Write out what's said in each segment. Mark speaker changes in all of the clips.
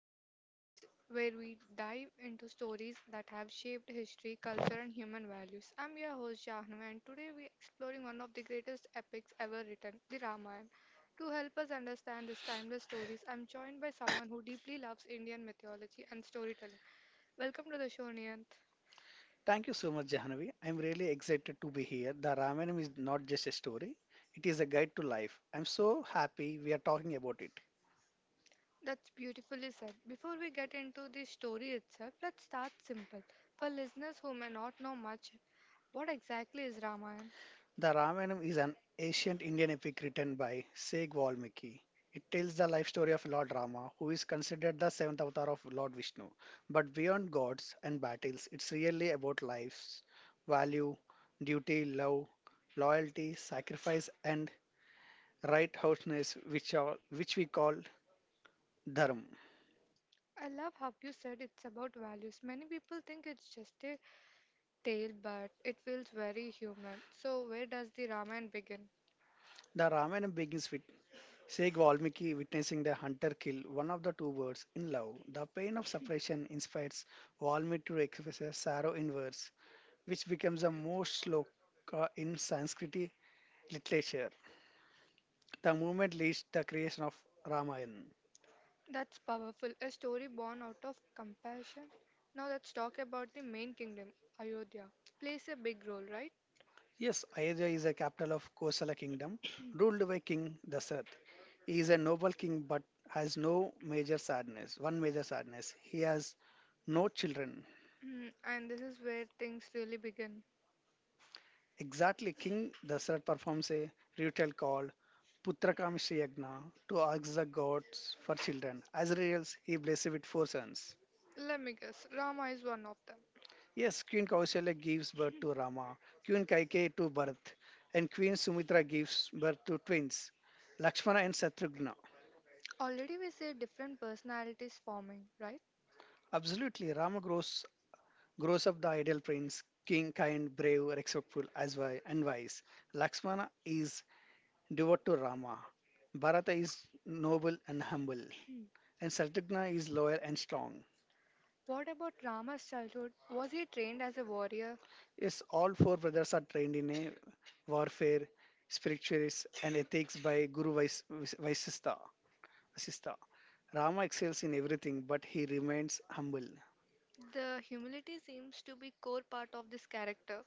Speaker 1: our podcast where we dive into stories that have shaped history, culture, and human values. I'm your host, Jahnava, and today we're exploring one of the greatest epics ever written, the Ramayana. To help us understand these timeless stories, I'm joined by someone who deeply loves Indian mythology and storytelling. Welcome to the show, Niyant.
Speaker 2: Thank you so much, Jahanavi. I'm really excited to be here. The Ramayana is not just a story, it is a guide to life. I'm so happy we are talking about it.
Speaker 1: That's beautifully said. Before we get into the story itself, let's start simple. For listeners who may not know much, what exactly is Ramayana?
Speaker 2: The Ramayana is an ancient Indian epic written by Sig Valmiki. It tells the life story of Lord Rama, who is considered the seventh avatar of Lord Vishnu. But beyond gods and battles, it's really about life's value, duty, love, loyalty, sacrifice, and right righteousness, which we call dharma.
Speaker 1: I love how you said it's about values. Many people think it's just a tale, but it feels very human. So, where does the Ramayana begin?
Speaker 2: The Ramayana begins with Sage Valmiki witnessing the hunter kill one of the two birds in love. The pain of separation inspires Valmiki to express sorrow in verse, which becomes the most shloka in Sanskrit literature. The movement leads to the creation of Ramayana.
Speaker 1: That's powerful. A story born out of compassion. Now, let's talk about the main kingdom, Ayodhya. Plays a big role, right?
Speaker 2: Yes, Ayodhya is a capital of Kosala kingdom, ruled by King Dasaratha. He is a noble king but has no major sadness, one major sadness. He has no children.
Speaker 1: Mm, and this is where things really begin.
Speaker 2: Exactly, King Dasarat performs a ritual called Putrakamishtha Yagna to ask the gods for children. As reels, he blessed with four sons.
Speaker 1: Let me guess, Rama is one of them.
Speaker 2: Yes, Queen Kausalya gives birth to Rama, Queen Kaikeyi to Bharat, and Queen Sumitra gives birth to twins, Lakshmana and Satrugna.
Speaker 1: Already, we see different personalities forming, right?
Speaker 2: Absolutely, grows up the ideal prince, king, kind, brave, respectful, as wise, and wise. Lakshmana is devout to Rama. Bharata is noble and humble, and Satyagna is loyal and strong.
Speaker 1: What about Rama's childhood? Was he trained as a warrior?
Speaker 2: Yes, all four brothers are trained in a warfare, spiritualist, and ethics by Guru Vasistha. Vasistha. Rama excels in everything, but he remains humble.
Speaker 1: The humility seems to be core part of this character.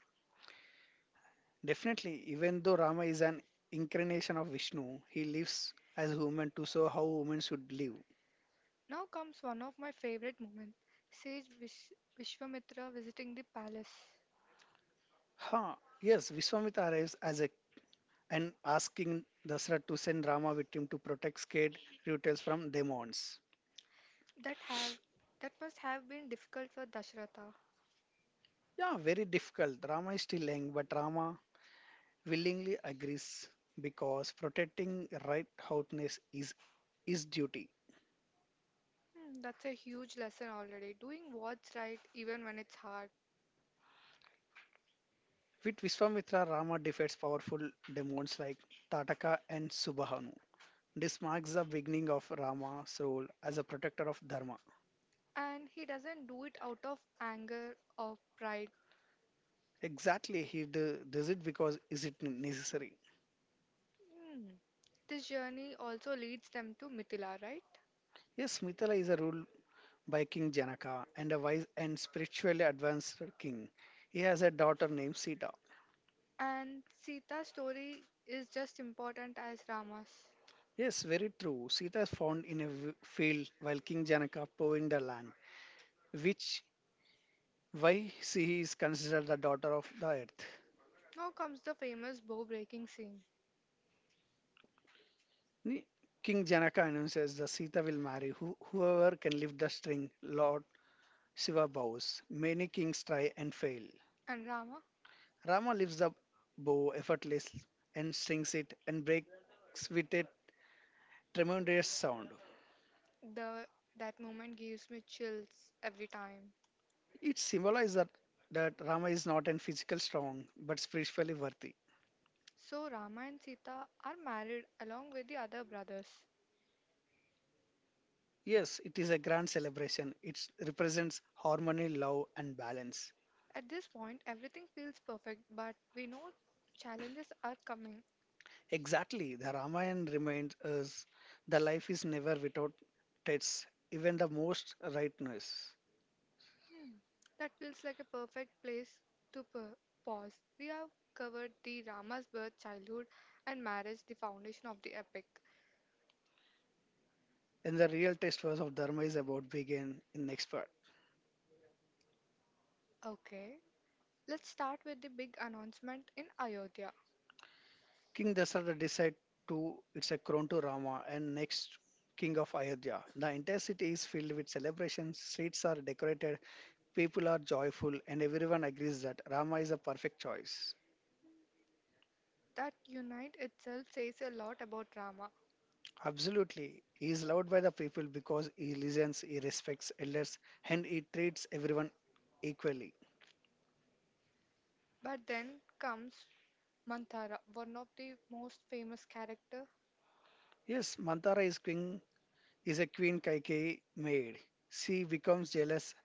Speaker 2: Definitely, even though Rama is an incarnation of Vishnu, he lives as a human to show how women should live.
Speaker 1: Now comes one of my favorite moments Sage Vish- Vishwamitra visiting the palace.
Speaker 2: Huh. Yes, Vishwamitra arrives as a and asking Dasra to send Rama with him to protect scared Rutals from demons.
Speaker 1: That have that must have been difficult for Dashratha.
Speaker 2: Yeah, very difficult. Rama is still young, but Rama willingly agrees because protecting righteousness is his duty.
Speaker 1: Hmm, that's a huge lesson already. Doing what's right even when it's hard.
Speaker 2: With Viswamitra, Rama defeats powerful demons like Tataka and Subahanu. This marks the beginning of Rama's role as a protector of Dharma.
Speaker 1: And he doesn't do it out of anger or pride.
Speaker 2: Exactly, does it because is it necessary?
Speaker 1: Hmm. This journey also leads them to Mithila, right?
Speaker 2: Yes, Mithila is a ruled by King Janaka and a wise and spiritually advanced king. He has a daughter named Sita.
Speaker 1: And Sita's story is just important as Rama's.
Speaker 2: Yes, very true. Sita is found in a field while King Janaka ploughing the land, which why she is considered the daughter of the earth.
Speaker 1: Now comes the famous bow breaking scene.
Speaker 2: Ni- King Janaka announces the Sita will marry whoever can lift the string. Lord Shiva bows. Many kings try and fail.
Speaker 1: And Rama,
Speaker 2: Rama lifts the bow effortlessly and strings it and breaks with a tremendous sound.
Speaker 1: the that moment gives me chills every time.
Speaker 2: It symbolizes that Rama is not an physical strong but spiritually worthy.
Speaker 1: So Rama and Sita are married along with the other brothers.
Speaker 2: Yes, it is a grand celebration. It represents harmony, love, and balance.
Speaker 1: At this point everything feels perfect but we know challenges are coming.
Speaker 2: Exactly, the Ramayana reminds us the life is never without tests, even the most rightness.
Speaker 1: Hmm. That feels like a perfect place to pa- pause. We have covered the Rama's birth, childhood and marriage, the foundation of the epic.
Speaker 2: And the real test was of Dharma is about begin in next part.
Speaker 1: Okay, let's start with the big announcement in Ayodhya.
Speaker 2: King Dasarata decide to it's a crown to Rama and next king of Ayodhya. The entire city is filled with celebrations, streets are decorated, people are joyful, and everyone agrees that Rama is a perfect choice.
Speaker 1: That unite itself says a lot about Rama.
Speaker 2: Absolutely. He is loved by the people because he listens, he respects elders, and he treats everyone equally.
Speaker 1: But then comes Manthara, one of the most famous character,
Speaker 2: Yes, Mantara is king is a Queen Kaikeyi maid. She becomes jealous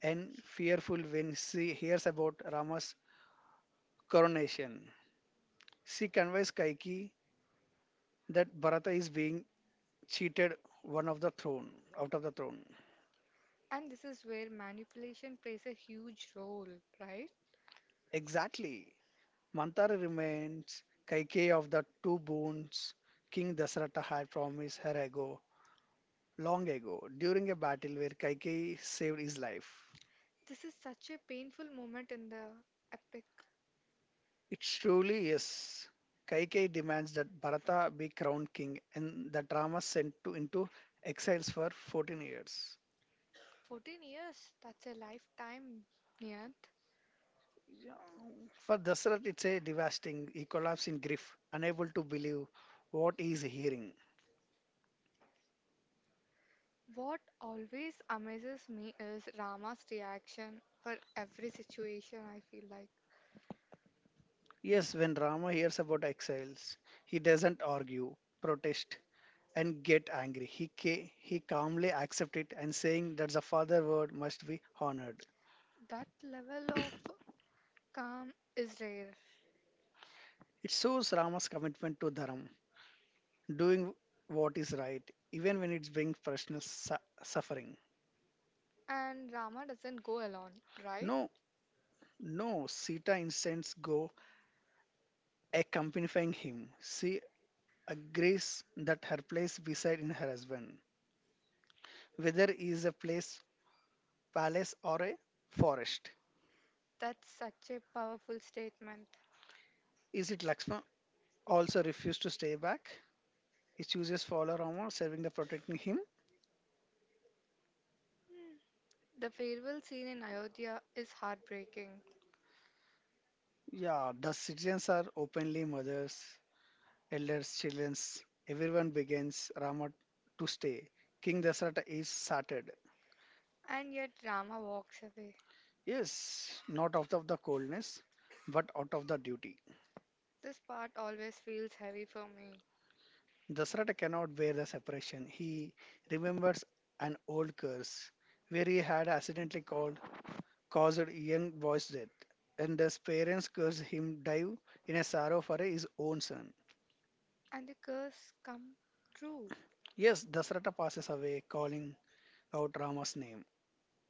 Speaker 2: and fearful when she hears about Rama's coronation. She conveys Kaikeyi that Bharata is being cheated one of the throne out of the throne.
Speaker 1: and this is where manipulation plays a huge role, right?
Speaker 2: Exactly. Mantara remains Kaikeyi of the two boons King Dasarata had promised her ago long ago during a battle where Kaikei saved his life.
Speaker 1: This is such a painful moment in the epic.
Speaker 2: It's truly yes. Kaikei demands that Bharata be crowned king and that Rama sent to into exiles for 14 years.
Speaker 1: 14 years, that's a lifetime, Niyant.
Speaker 2: Yeah, for Dasarat, it's a devastating. He collapses in grief, unable to believe what he is hearing.
Speaker 1: What always amazes me is Rama's reaction for every situation, I feel like.
Speaker 2: Yes, when Rama hears about exiles, he doesn't argue, protest, and get angry. He calmly accepts it and saying that the father word must be honored.
Speaker 1: That level of calm is rare,
Speaker 2: It shows Rama's commitment to dharma, doing what is right, even when it brings personal suffering.
Speaker 1: and Rama doesn't go alone, right?
Speaker 2: No, no, Sita instance go accompanying him. She agrees that her place beside in her husband, whether it is a palace or a forest.
Speaker 1: That's such a powerful statement.
Speaker 2: Is it Lakshman also refused to stay back? He chooses follow Rama, serving the protecting him.
Speaker 1: Hmm. The farewell scene in Ayodhya is heartbreaking,
Speaker 2: Yeah, the citizens are openly mothers, elders, children, everyone begins Rama to stay. King Dasarata is started.
Speaker 1: and yet Rama walks away.
Speaker 2: Yes, not out of the coldness, but out of the duty.
Speaker 1: This part always feels heavy for me,
Speaker 2: Dasarata cannot bear the separation. He remembers an old curse where he had caused a young boy's death. And his parents curse him dive in a sorrow for his own son.
Speaker 1: and the curse come true.
Speaker 2: Yes, Dasarata passes away calling out Rama's name.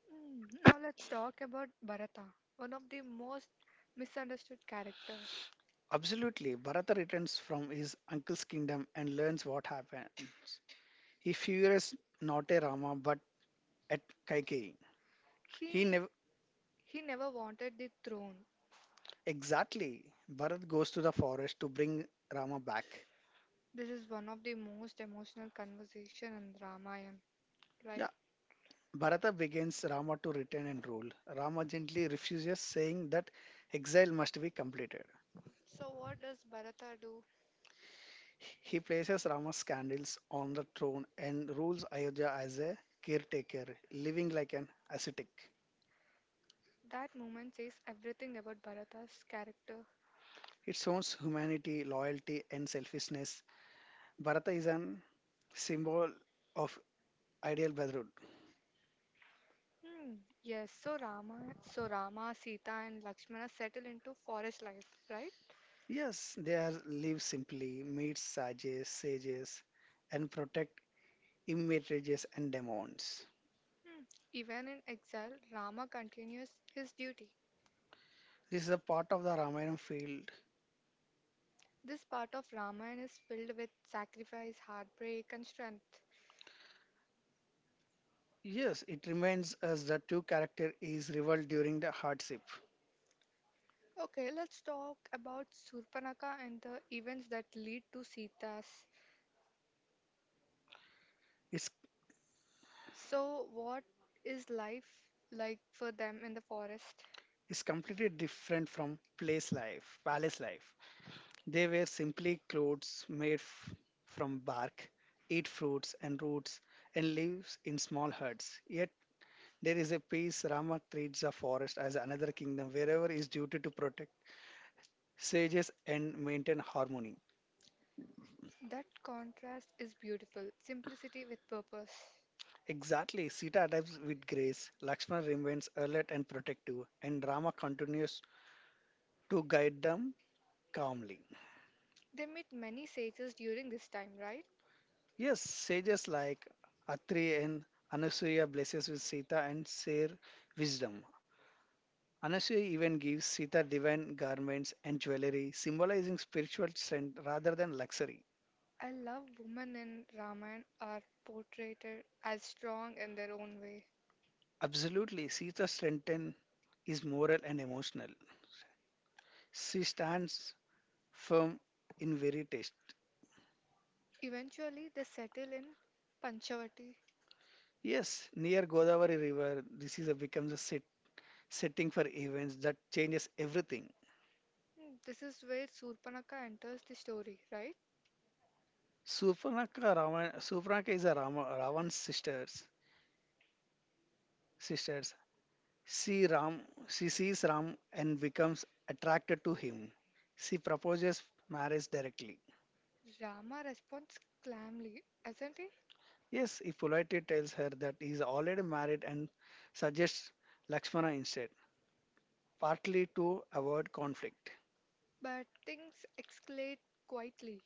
Speaker 1: Hmm. Now let's talk about Bharata, one of the most misunderstood characters.
Speaker 2: Absolutely, Bharata returns from his uncle's kingdom and learns what happened. He fears not a Rama but at Kaikeyi. He
Speaker 1: He
Speaker 2: never
Speaker 1: he never wanted the throne,
Speaker 2: exactly. Bharat goes to the forest to bring Rama back.
Speaker 1: This is one of the most emotional conversation in Ramayana,
Speaker 2: Yeah,
Speaker 1: right?
Speaker 2: Bharata begins Rama to return and rule. Rama gently refuses, saying that exile must be completed.
Speaker 1: So what does Bharata do?
Speaker 2: He places Rama's candles on the throne and rules Ayodhya as a caretaker, living like an ascetic.
Speaker 1: That moment says everything about Bharata's character.
Speaker 2: It shows humanity, loyalty, and selfishness. Bharata is an symbol of ideal brotherhood.
Speaker 1: Hmm. Yes. So Rama, Sita, and Lakshmana settle into forest life, right?
Speaker 2: Yes, they are live simply, meet sages, and protect immortalities and demons.
Speaker 1: Hmm. Even in exile, Rama continues his duty.
Speaker 2: This is a part of the Ramayana field.
Speaker 1: This part of Ramayana is filled with sacrifice, heartbreak, and strength.
Speaker 2: Yes, it reminds us that two character is rival during the hardship.
Speaker 1: Okay, let's talk about Surpanaka and the events that lead to Sita's.
Speaker 2: It's,
Speaker 1: So, what is life like for them in the forest?
Speaker 2: it's completely different from palace life. They wear simply clothes made from bark, eat fruits and roots, and live in small huts. Yet there is a peace. Rama treats the forest as another kingdom wherever his duty to protect sages and maintain harmony.
Speaker 1: That contrast is beautiful simplicity with purpose.
Speaker 2: Exactly, Sita adapts with grace, Lakshmana remains alert and protective, and Rama continues to guide them calmly.
Speaker 1: They meet many sages during this time, right?
Speaker 2: Yes, sages like Atri and Anasuya blesses with Sita and share wisdom. Anasuya even gives Sita divine garments and jewelry, symbolizing spiritual strength rather than luxury.
Speaker 1: I love women in Ramayana are portrayed as strong in their own way.
Speaker 2: Absolutely, Sita strengthen is moral and emotional. She stands firm in very taste.
Speaker 1: Eventually, they settle in Panchavati.
Speaker 2: Yes, near Godavari River, this is a, becomes a set, setting for events that changes everything.
Speaker 1: Hmm, this is where Surpanaka enters the story, right?
Speaker 2: Supanaka is a Ravan's Sisters, she Ram, she sees Ram and becomes attracted to him. She proposes marriage directly.
Speaker 1: Rama responds calmly, isn't he?
Speaker 2: Yes, he politely tells her that he is already married and suggests Lakshmana instead, partly to avoid conflict.
Speaker 1: But things escalate quietly.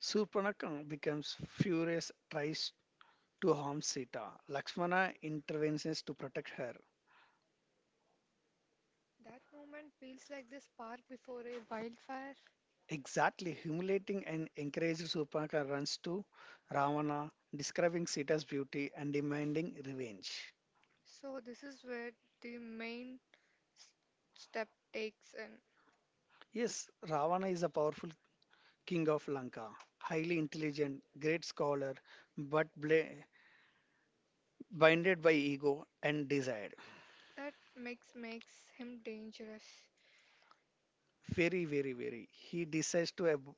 Speaker 2: Surpanakam becomes furious, tries to harm Sita. Lakshmana intervenes to protect her.
Speaker 1: That moment feels like the spark before a wildfire.
Speaker 2: Exactly, humiliating and encouraged Surpanaka runs to Ravana, describing Sita's beauty and demanding revenge.
Speaker 1: So, this is where the main s- step takes in.
Speaker 2: Yes, Ravana is a powerful king of Lanka, highly intelligent, great scholar, but blinded by ego and desire.
Speaker 1: That makes makes him dangerous.
Speaker 2: Very. He decides to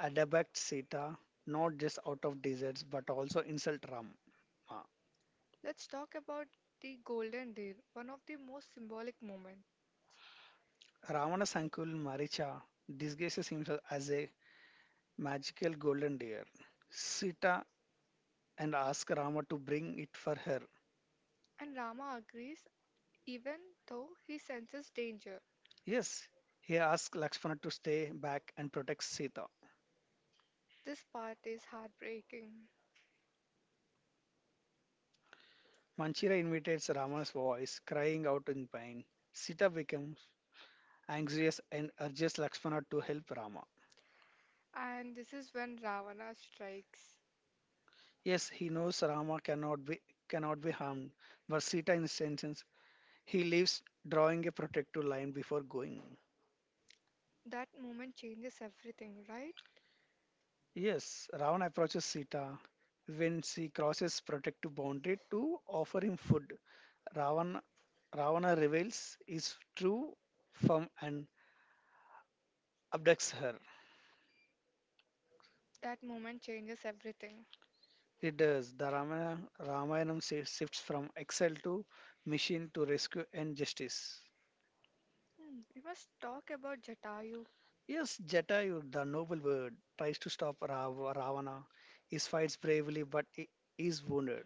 Speaker 2: adept Sita, not just out of deserts but also insult Rama.
Speaker 1: Let's talk about the golden deer, one of the most symbolic moments.
Speaker 2: Ravana's uncle Maricha disguises himself as a magical golden deer. Sita and asks Rama to bring it for her.
Speaker 1: And Rama agrees even though he senses danger.
Speaker 2: Yes, he asks Lakshmana to stay back and protect Sita.
Speaker 1: This part is heartbreaking.
Speaker 2: Manchira imitates Rama's voice, crying out in pain. Sita becomes anxious and urges Lakshmana to help Rama.
Speaker 1: And this is when Ravana strikes.
Speaker 2: Yes, he knows Rama cannot be harmed, but Sita insists. He leaves, drawing a protective line before going.
Speaker 1: That moment changes everything, right?
Speaker 2: Yes, Ravan approaches Sita. When she crosses protective boundary to offer him food, Ravan, Ravana reveals his true form and abducts her.
Speaker 1: That moment changes everything.
Speaker 2: He does. The Ramayanam shifts from exile to mission to rescue and justice.
Speaker 1: Hmm, we must talk about Jatayu.
Speaker 2: Yes, Jatayu, the noble bird, tries to stop Ravana. He fights bravely, but he is wounded.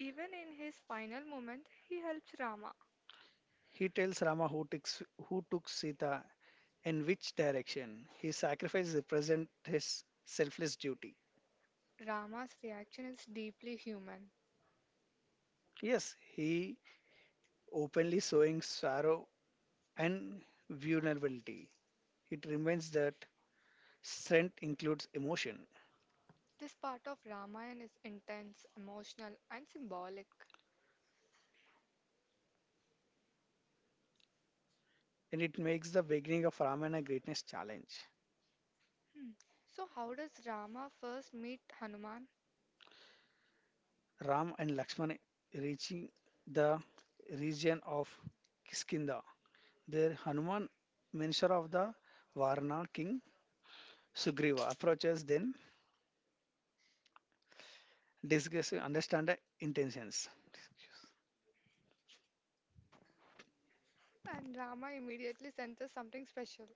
Speaker 1: Even in his final moment, he helps Rama.
Speaker 2: He tells Rama who took Sita in which direction. His sacrifice represents his selfless duty.
Speaker 1: Rama's reaction is deeply human.
Speaker 2: Yes, he openly showing sorrow and vulnerability. It reminds that strength includes emotion,
Speaker 1: This part of Ramayana is intense, emotional, and symbolic.
Speaker 2: and it makes the beginning of Ramayana greatness challenge.
Speaker 1: Hmm. So, how does Rama first meet Hanuman?
Speaker 2: Ram and Lakshman reaching the region of Kiskindha. There, Hanuman, minister of the Varna king Sugriva, approaches then discuss understand intentions.
Speaker 1: And Rama immediately senses something special.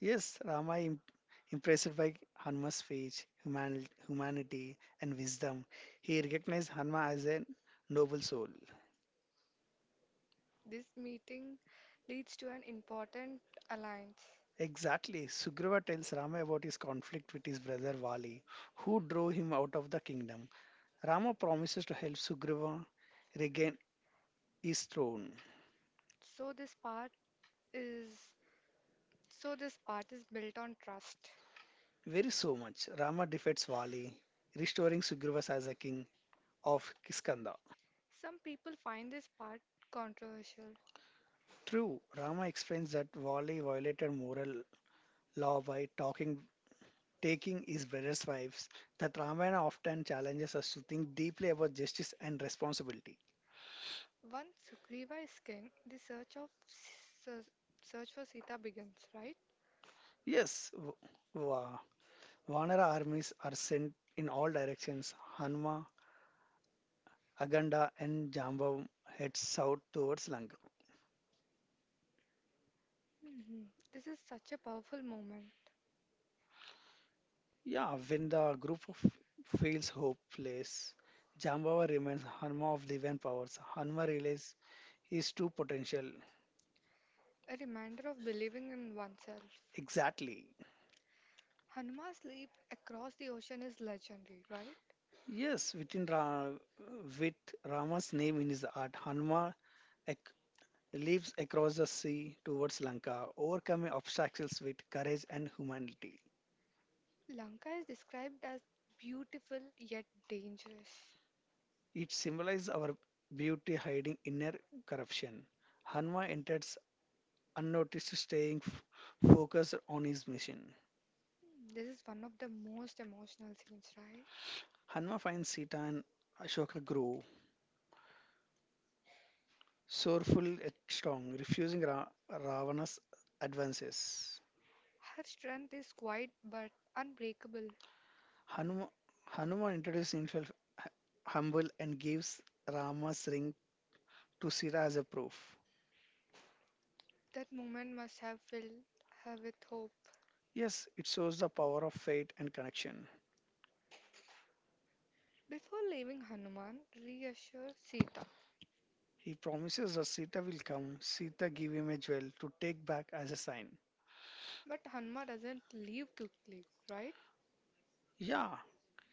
Speaker 2: Yes, impressed by Hanuma's speech, humanity, and wisdom. He recognized Hanma as a noble soul.
Speaker 1: This meeting leads to an important alliance.
Speaker 2: Exactly. Sugriva tells Rama about his conflict with his brother Vali, who drove him out of the kingdom. Rama promises to help Sugriva regain his throne.
Speaker 1: So, this part is so this part is built on trust.
Speaker 2: Very so much. Rama defeats Vali, restoring Sugriva as a king of Kiskanda.
Speaker 1: Some people find this part controversial.
Speaker 2: True, Rama explains that Vali violated moral law by taking his brother's wives, that Ramayana often challenges us to think deeply about justice and responsibility.
Speaker 1: Once Sugriva is king, the search of Se- search for Sita begins, right?
Speaker 2: Yes, va- Vanara armies are sent in all directions. Hanma, Aganda, and Jambavam head south towards Lanka.
Speaker 1: Mhm. This is such a powerful moment,
Speaker 2: Yeah, when the group of feels hopeless, Jambava remains Hanma of divine powers. Hanma realizes his true potential.
Speaker 1: a reminder of believing in oneself.
Speaker 2: Exactly.
Speaker 1: Hanuman's leap across the ocean is legendary, right?
Speaker 2: Yes, with Rama's name in his heart, Hanuman ac- leaps across the sea towards Lanka, overcoming obstacles with courage and humanity.
Speaker 1: Lanka is described as beautiful yet dangerous.
Speaker 2: It symbolizes our beauty hiding inner corruption. Hanuman enters unnoticed, staying focused on his mission.
Speaker 1: Hmm, this is one of the most emotional scenes, right?
Speaker 2: Hanuman finds Sita and Ashoka grow, sorrowful and strong, refusing Ravana's advances.
Speaker 1: Her strength is quiet but unbreakable.
Speaker 2: Hanuma, Hanuman introduces himself hu- humble and gives Rama's ring to Sita as a proof.
Speaker 1: That moment must have filled her with hope.
Speaker 2: Yes, it shows the power of fate and connection.
Speaker 1: Before leaving, Hanuman reassures Sita,
Speaker 2: He promises that Sita will come. Sita give him a jewel to take back as a sign.
Speaker 1: but Hanuman doesn't leave quickly, right?
Speaker 2: Yeah,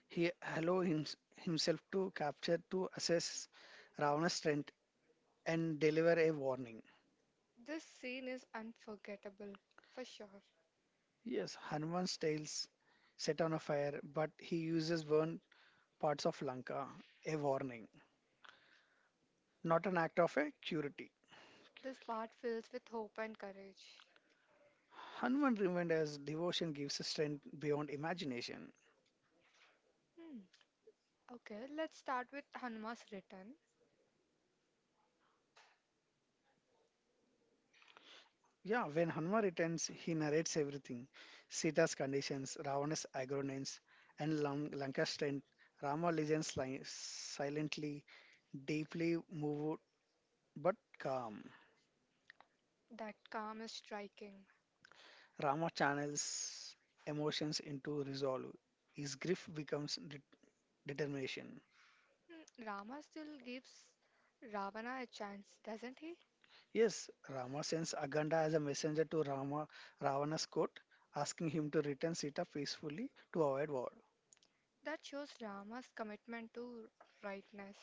Speaker 2: he allow him, himself to capture to assess Ravana's strength and deliver a warning.
Speaker 1: This scene is unforgettable, for sure.
Speaker 2: Yes, Hanuman's tails set on a fire, but he uses burned parts of Lanka, a warning, not an act of a curity.
Speaker 1: This part fills with hope and courage.
Speaker 2: Hanuman remained as devotion gives strength beyond imagination.
Speaker 1: Hmm. Okay, let's start with Hanuman's return.
Speaker 2: Yeah, when Hanuman returns, he narrates everything Sita's conditions, Ravana's agonies, and Lanka's strength. Rama listens silently, deeply moved but calm.
Speaker 1: That calm is striking.
Speaker 2: Rama channels emotions into resolve. His grief becomes determination.
Speaker 1: Hmm, Rama still gives Ravana a chance, doesn't he?
Speaker 2: Yes, Rama sends Aganda as a messenger to Rama Ravana's court, asking him to return Sita peacefully to avoid war.
Speaker 1: That shows Rama's commitment to rightness.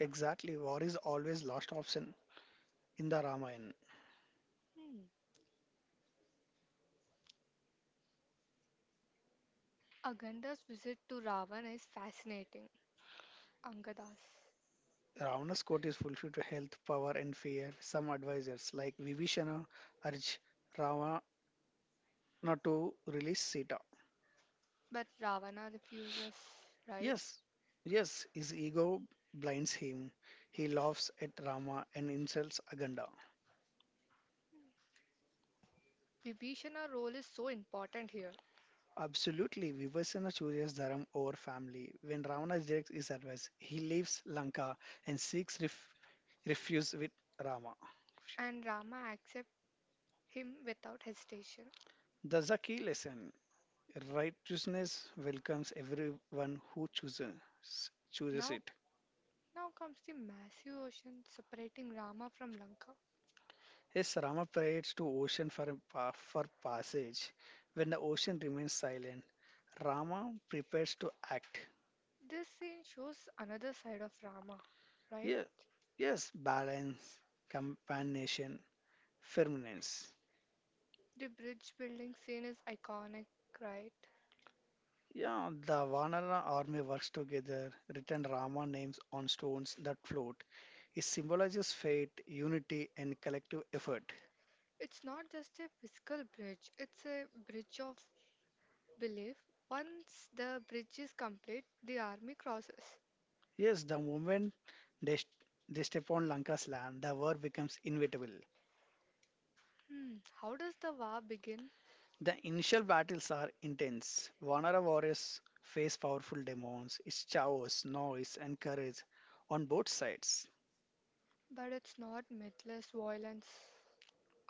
Speaker 2: Exactly, war is always last option in the Ramayana.
Speaker 1: Hmm. Aganda's visit to Ravana is fascinating. Angadas.
Speaker 2: Ravana's court is fulfilled to health, power, and fear. Some advisors, like Vibhishana, urge Ravana to release Sita.
Speaker 1: But Ravana refuses, right?
Speaker 2: Yes, yes, his ego blinds him. He laughs at Rama and insults Aganda.
Speaker 1: Vibhishana's role is so important here,
Speaker 2: Absolutely, Vibhishana chooses Dharam over family. When Ravana rejects his advice, he leaves Lanka and seeks refuse with Rama.
Speaker 1: and Rama accepts him without hesitation.
Speaker 2: That's a key lesson. Righteousness welcomes everyone who chooses
Speaker 1: Now,
Speaker 2: it.
Speaker 1: Now comes the massive ocean separating Rama from Lanka.
Speaker 2: As Rama prays to ocean for, for passage, when the ocean remains silent, Rama prepares to act.
Speaker 1: This scene shows another side of Rama, right?
Speaker 2: Yeah, yes, balance, companionation, firmness.
Speaker 1: The bridge building scene is iconic, right?
Speaker 2: Yeah, the Vanara army works together. Written Rama names on stones that float. It symbolizes fate, unity, and collective effort.
Speaker 1: It's not just a physical bridge, it's a bridge of belief. Once the bridge is complete, the army crosses.
Speaker 2: Yes, the moment they, st- they step on Lanka's land, the war becomes inevitable.
Speaker 1: Hmm, how does the war begin?
Speaker 2: The initial battles are intense. Vanara warriors face powerful demons. It's chaos, noise, and courage on both sides.
Speaker 1: But it's not mythless violence.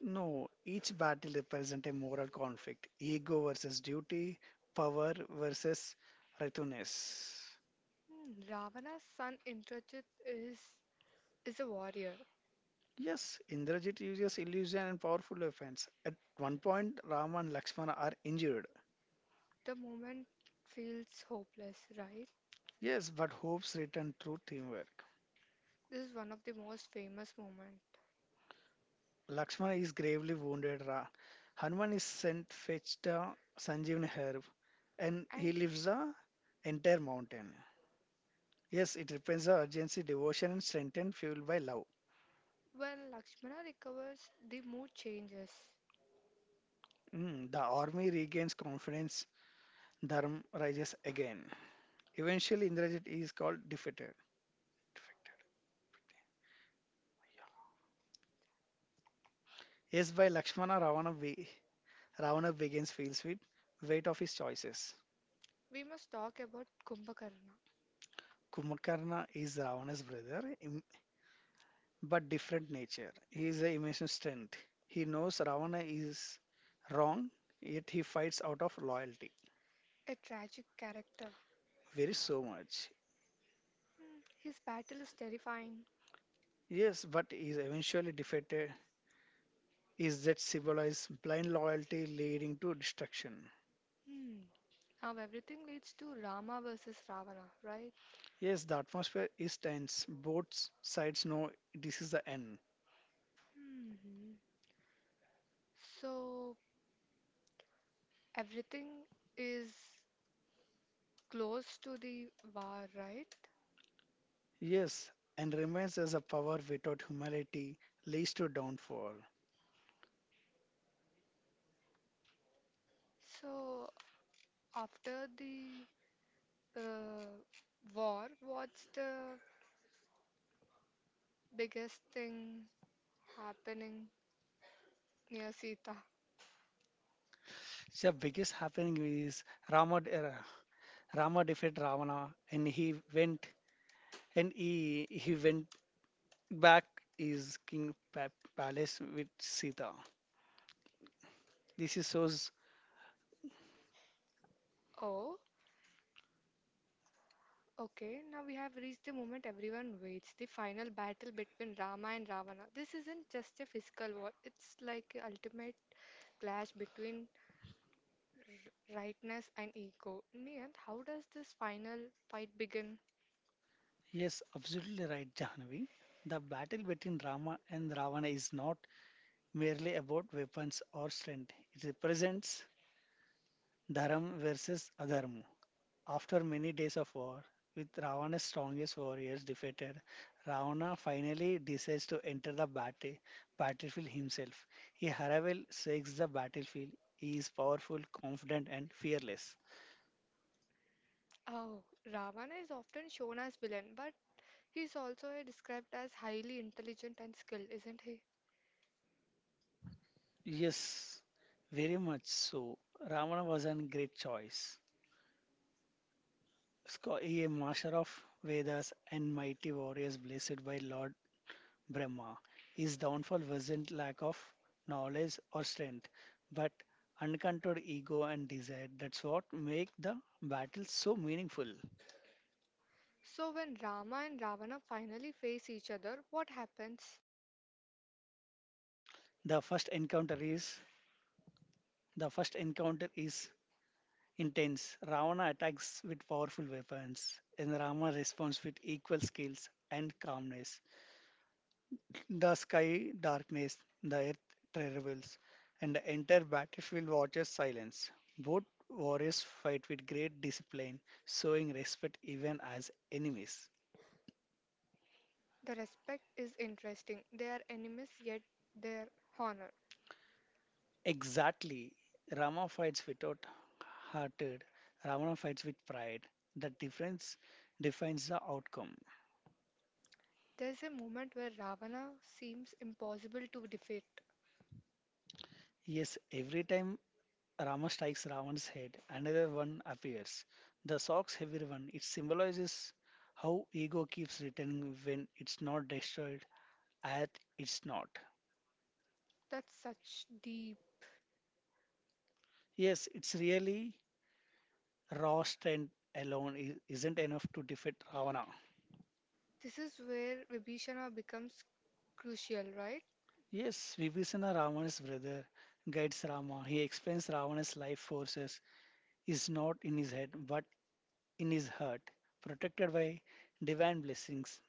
Speaker 2: No, each battle represents a moral conflict ego versus duty, power versus righteousness.
Speaker 1: Hmm, Ravana's son Indrajit is is a warrior.
Speaker 2: Yes, Indrajit uses illusion and powerful weapons. At one point, Rama and Lakshmana are injured.
Speaker 1: The moment feels hopeless, right?
Speaker 2: Yes, but hopes return through teamwork.
Speaker 1: This is one of the most famous moments.
Speaker 2: Lakshmana is gravely wounded. Hanuman is sent fetched a Sanjeevani herb, and he
Speaker 1: And
Speaker 2: lifts the entire mountain. Yes, it represents the urgency, devotion, and strength, and fueled by love.
Speaker 1: when Lakshmana recovers, the mood changes.
Speaker 2: Mm, the army regains confidence. Dharma rises again. Eventually, Indrajit is called defeated. Defected. Yes, by Lakshmana, Ravana, Ravana begins feels with weight of his choices.
Speaker 1: We must talk about Kumbhakarna,
Speaker 2: Kumakarna is Ravana's brother, but different nature. He is a emotional strength. He knows Ravana is wrong, yet he fights out of loyalty.
Speaker 1: a tragic character.
Speaker 2: Very so much.
Speaker 1: Hmm, his battle is terrifying.
Speaker 2: Yes, but is eventually defeated. Is that symbolized blind loyalty leading to destruction?
Speaker 1: Hmm. Now everything leads to Rama versus Ravana, right?
Speaker 2: Yes, the atmosphere is tense. Both sides know this is the end.
Speaker 1: Hmm. So everything is close to the war, right?
Speaker 2: Yes, and remains as a power without humility leads to downfall.
Speaker 1: So, after the uh, war, what's the biggest thing happening near Sita?
Speaker 2: The biggest happening is Ramad era. Rama defeated Ravana and he went and he went back his king palace with Sita. This is shows
Speaker 1: Oh, okay. Now we have reached the moment everyone waits, the final battle between Rama and Ravana. This isn't just a physical war, it's like a ultimate clash between rightness and ego. Niyant, how does this final fight begin?
Speaker 2: yes, absolutely right, Jahanavi. The battle between Rama and Ravana is not merely about weapons or strength. It represents dharma versus adharma. After many days of war, with Ravana's strongest warriors defeated, Ravana finally decides to enter the battle, battlefield himself. He Haravel shakes the battlefield. He is powerful, confident, and fearless.
Speaker 1: Oh, Ravana is often shown as villain, but he's also described as highly intelligent and skilled, isn't he?
Speaker 2: Yes, very much so. Ravana was a great choice. He a master of Vedas and mighty warriors blessed by Lord Brahma. His downfall wasn't lack of knowledge or strength, but uncontrolled ego and desire. That's what make the battle so meaningful.
Speaker 1: So when Rama and Ravana finally face each other, what happens?
Speaker 2: The first encounter is the first encounter is intense. Ravana attacks with powerful weapons, and Rama responds with equal skills and calmness. The sky darkness, the earth trembles, and the entire battlefield watches silence. Both warriors fight with great discipline, showing respect even as enemies.
Speaker 1: The respect is interesting. They are enemies yet they're honored.
Speaker 2: Exactly. Rama fights without hearted. Ravana fights with pride. The difference defines the outcome.
Speaker 1: There's a moment where Ravana seems impossible to defeat.
Speaker 2: Yes, every time Rama strikes Ravan's head, another one appears. The socks heavy one, it symbolizes how ego keeps returning when it's not destroyed, at it's not.
Speaker 1: That's such deep.
Speaker 2: Yes, it's really raw strength alone isn't enough to defeat Ravana.
Speaker 1: This is where Vibhishana becomes crucial, right?
Speaker 2: Yes, Vibhisana Ravana's brother guides Rama. He explains Ravana's life forces is not in his head but in his heart, protected by divine blessings.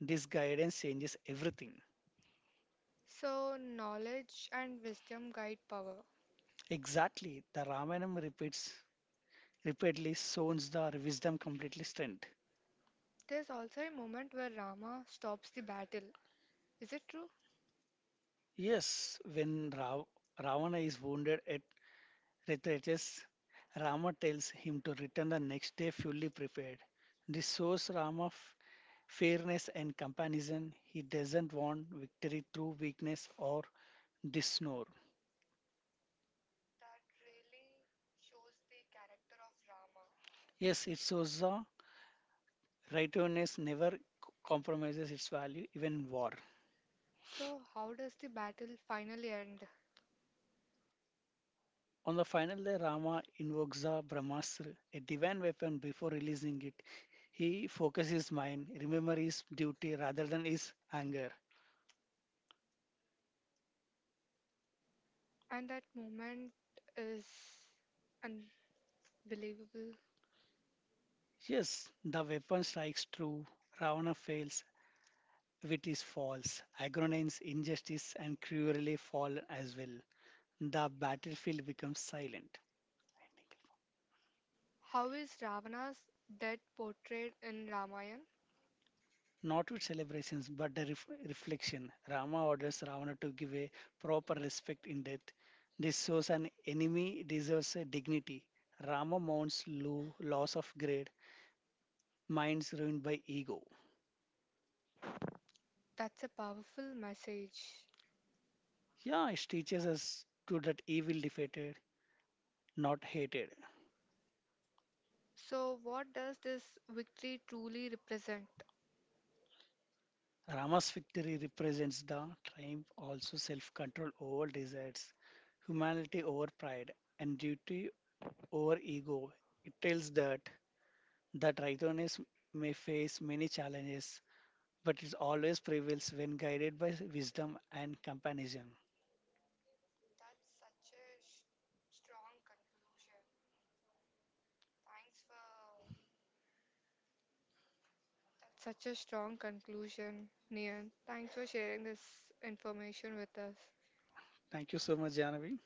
Speaker 2: This guidance changes everything.
Speaker 1: So knowledge and wisdom guide power.
Speaker 2: Exactly. The Ramayana repeats repeatedly shows the wisdom completely strength.
Speaker 1: There's also a moment where Rama stops the battle. Is it true?
Speaker 2: Yes, when Ravana is wounded at Ritages, Rama tells him to return the next day fully prepared. This shows Rama fairness and comparison. He doesn't want victory through weakness or dishonor. Yes, it shows the righteousness never compromises its value even in war.
Speaker 1: So, how does the battle finally end?
Speaker 2: On the final day, Rama invokes the Brahmastra, a divine weapon, before releasing it. He focuses his mind, remember his duty rather than his anger.
Speaker 1: And that moment is unbelievable.
Speaker 2: Yes, the weapon strikes true. Ravana fails with his false. Agronines, injustice, and cruelly fall as well. The battlefield becomes silent.
Speaker 1: How is Ravana's death portrayed in Ramayana?
Speaker 2: Not with celebrations, but a reflection. Rama orders Ravana to give a proper respect in death. This shows an enemy deserves a dignity. Rama mounts low, loss of grade, minds ruined by ego.
Speaker 1: That's a powerful message.
Speaker 2: Yeah, it teaches us to that evil defeated, not hated.
Speaker 1: So, what does this victory truly represent?
Speaker 2: Rama's victory represents the triumph, also self control over desires, humanity over pride, and duty over ego. It tells that the tritonist may face many challenges, but it always prevails when guided by wisdom and compassion.
Speaker 1: That's such a strong conclusion, Nian. Thanks for sharing this information with us.
Speaker 2: Thank you so much, Janavi.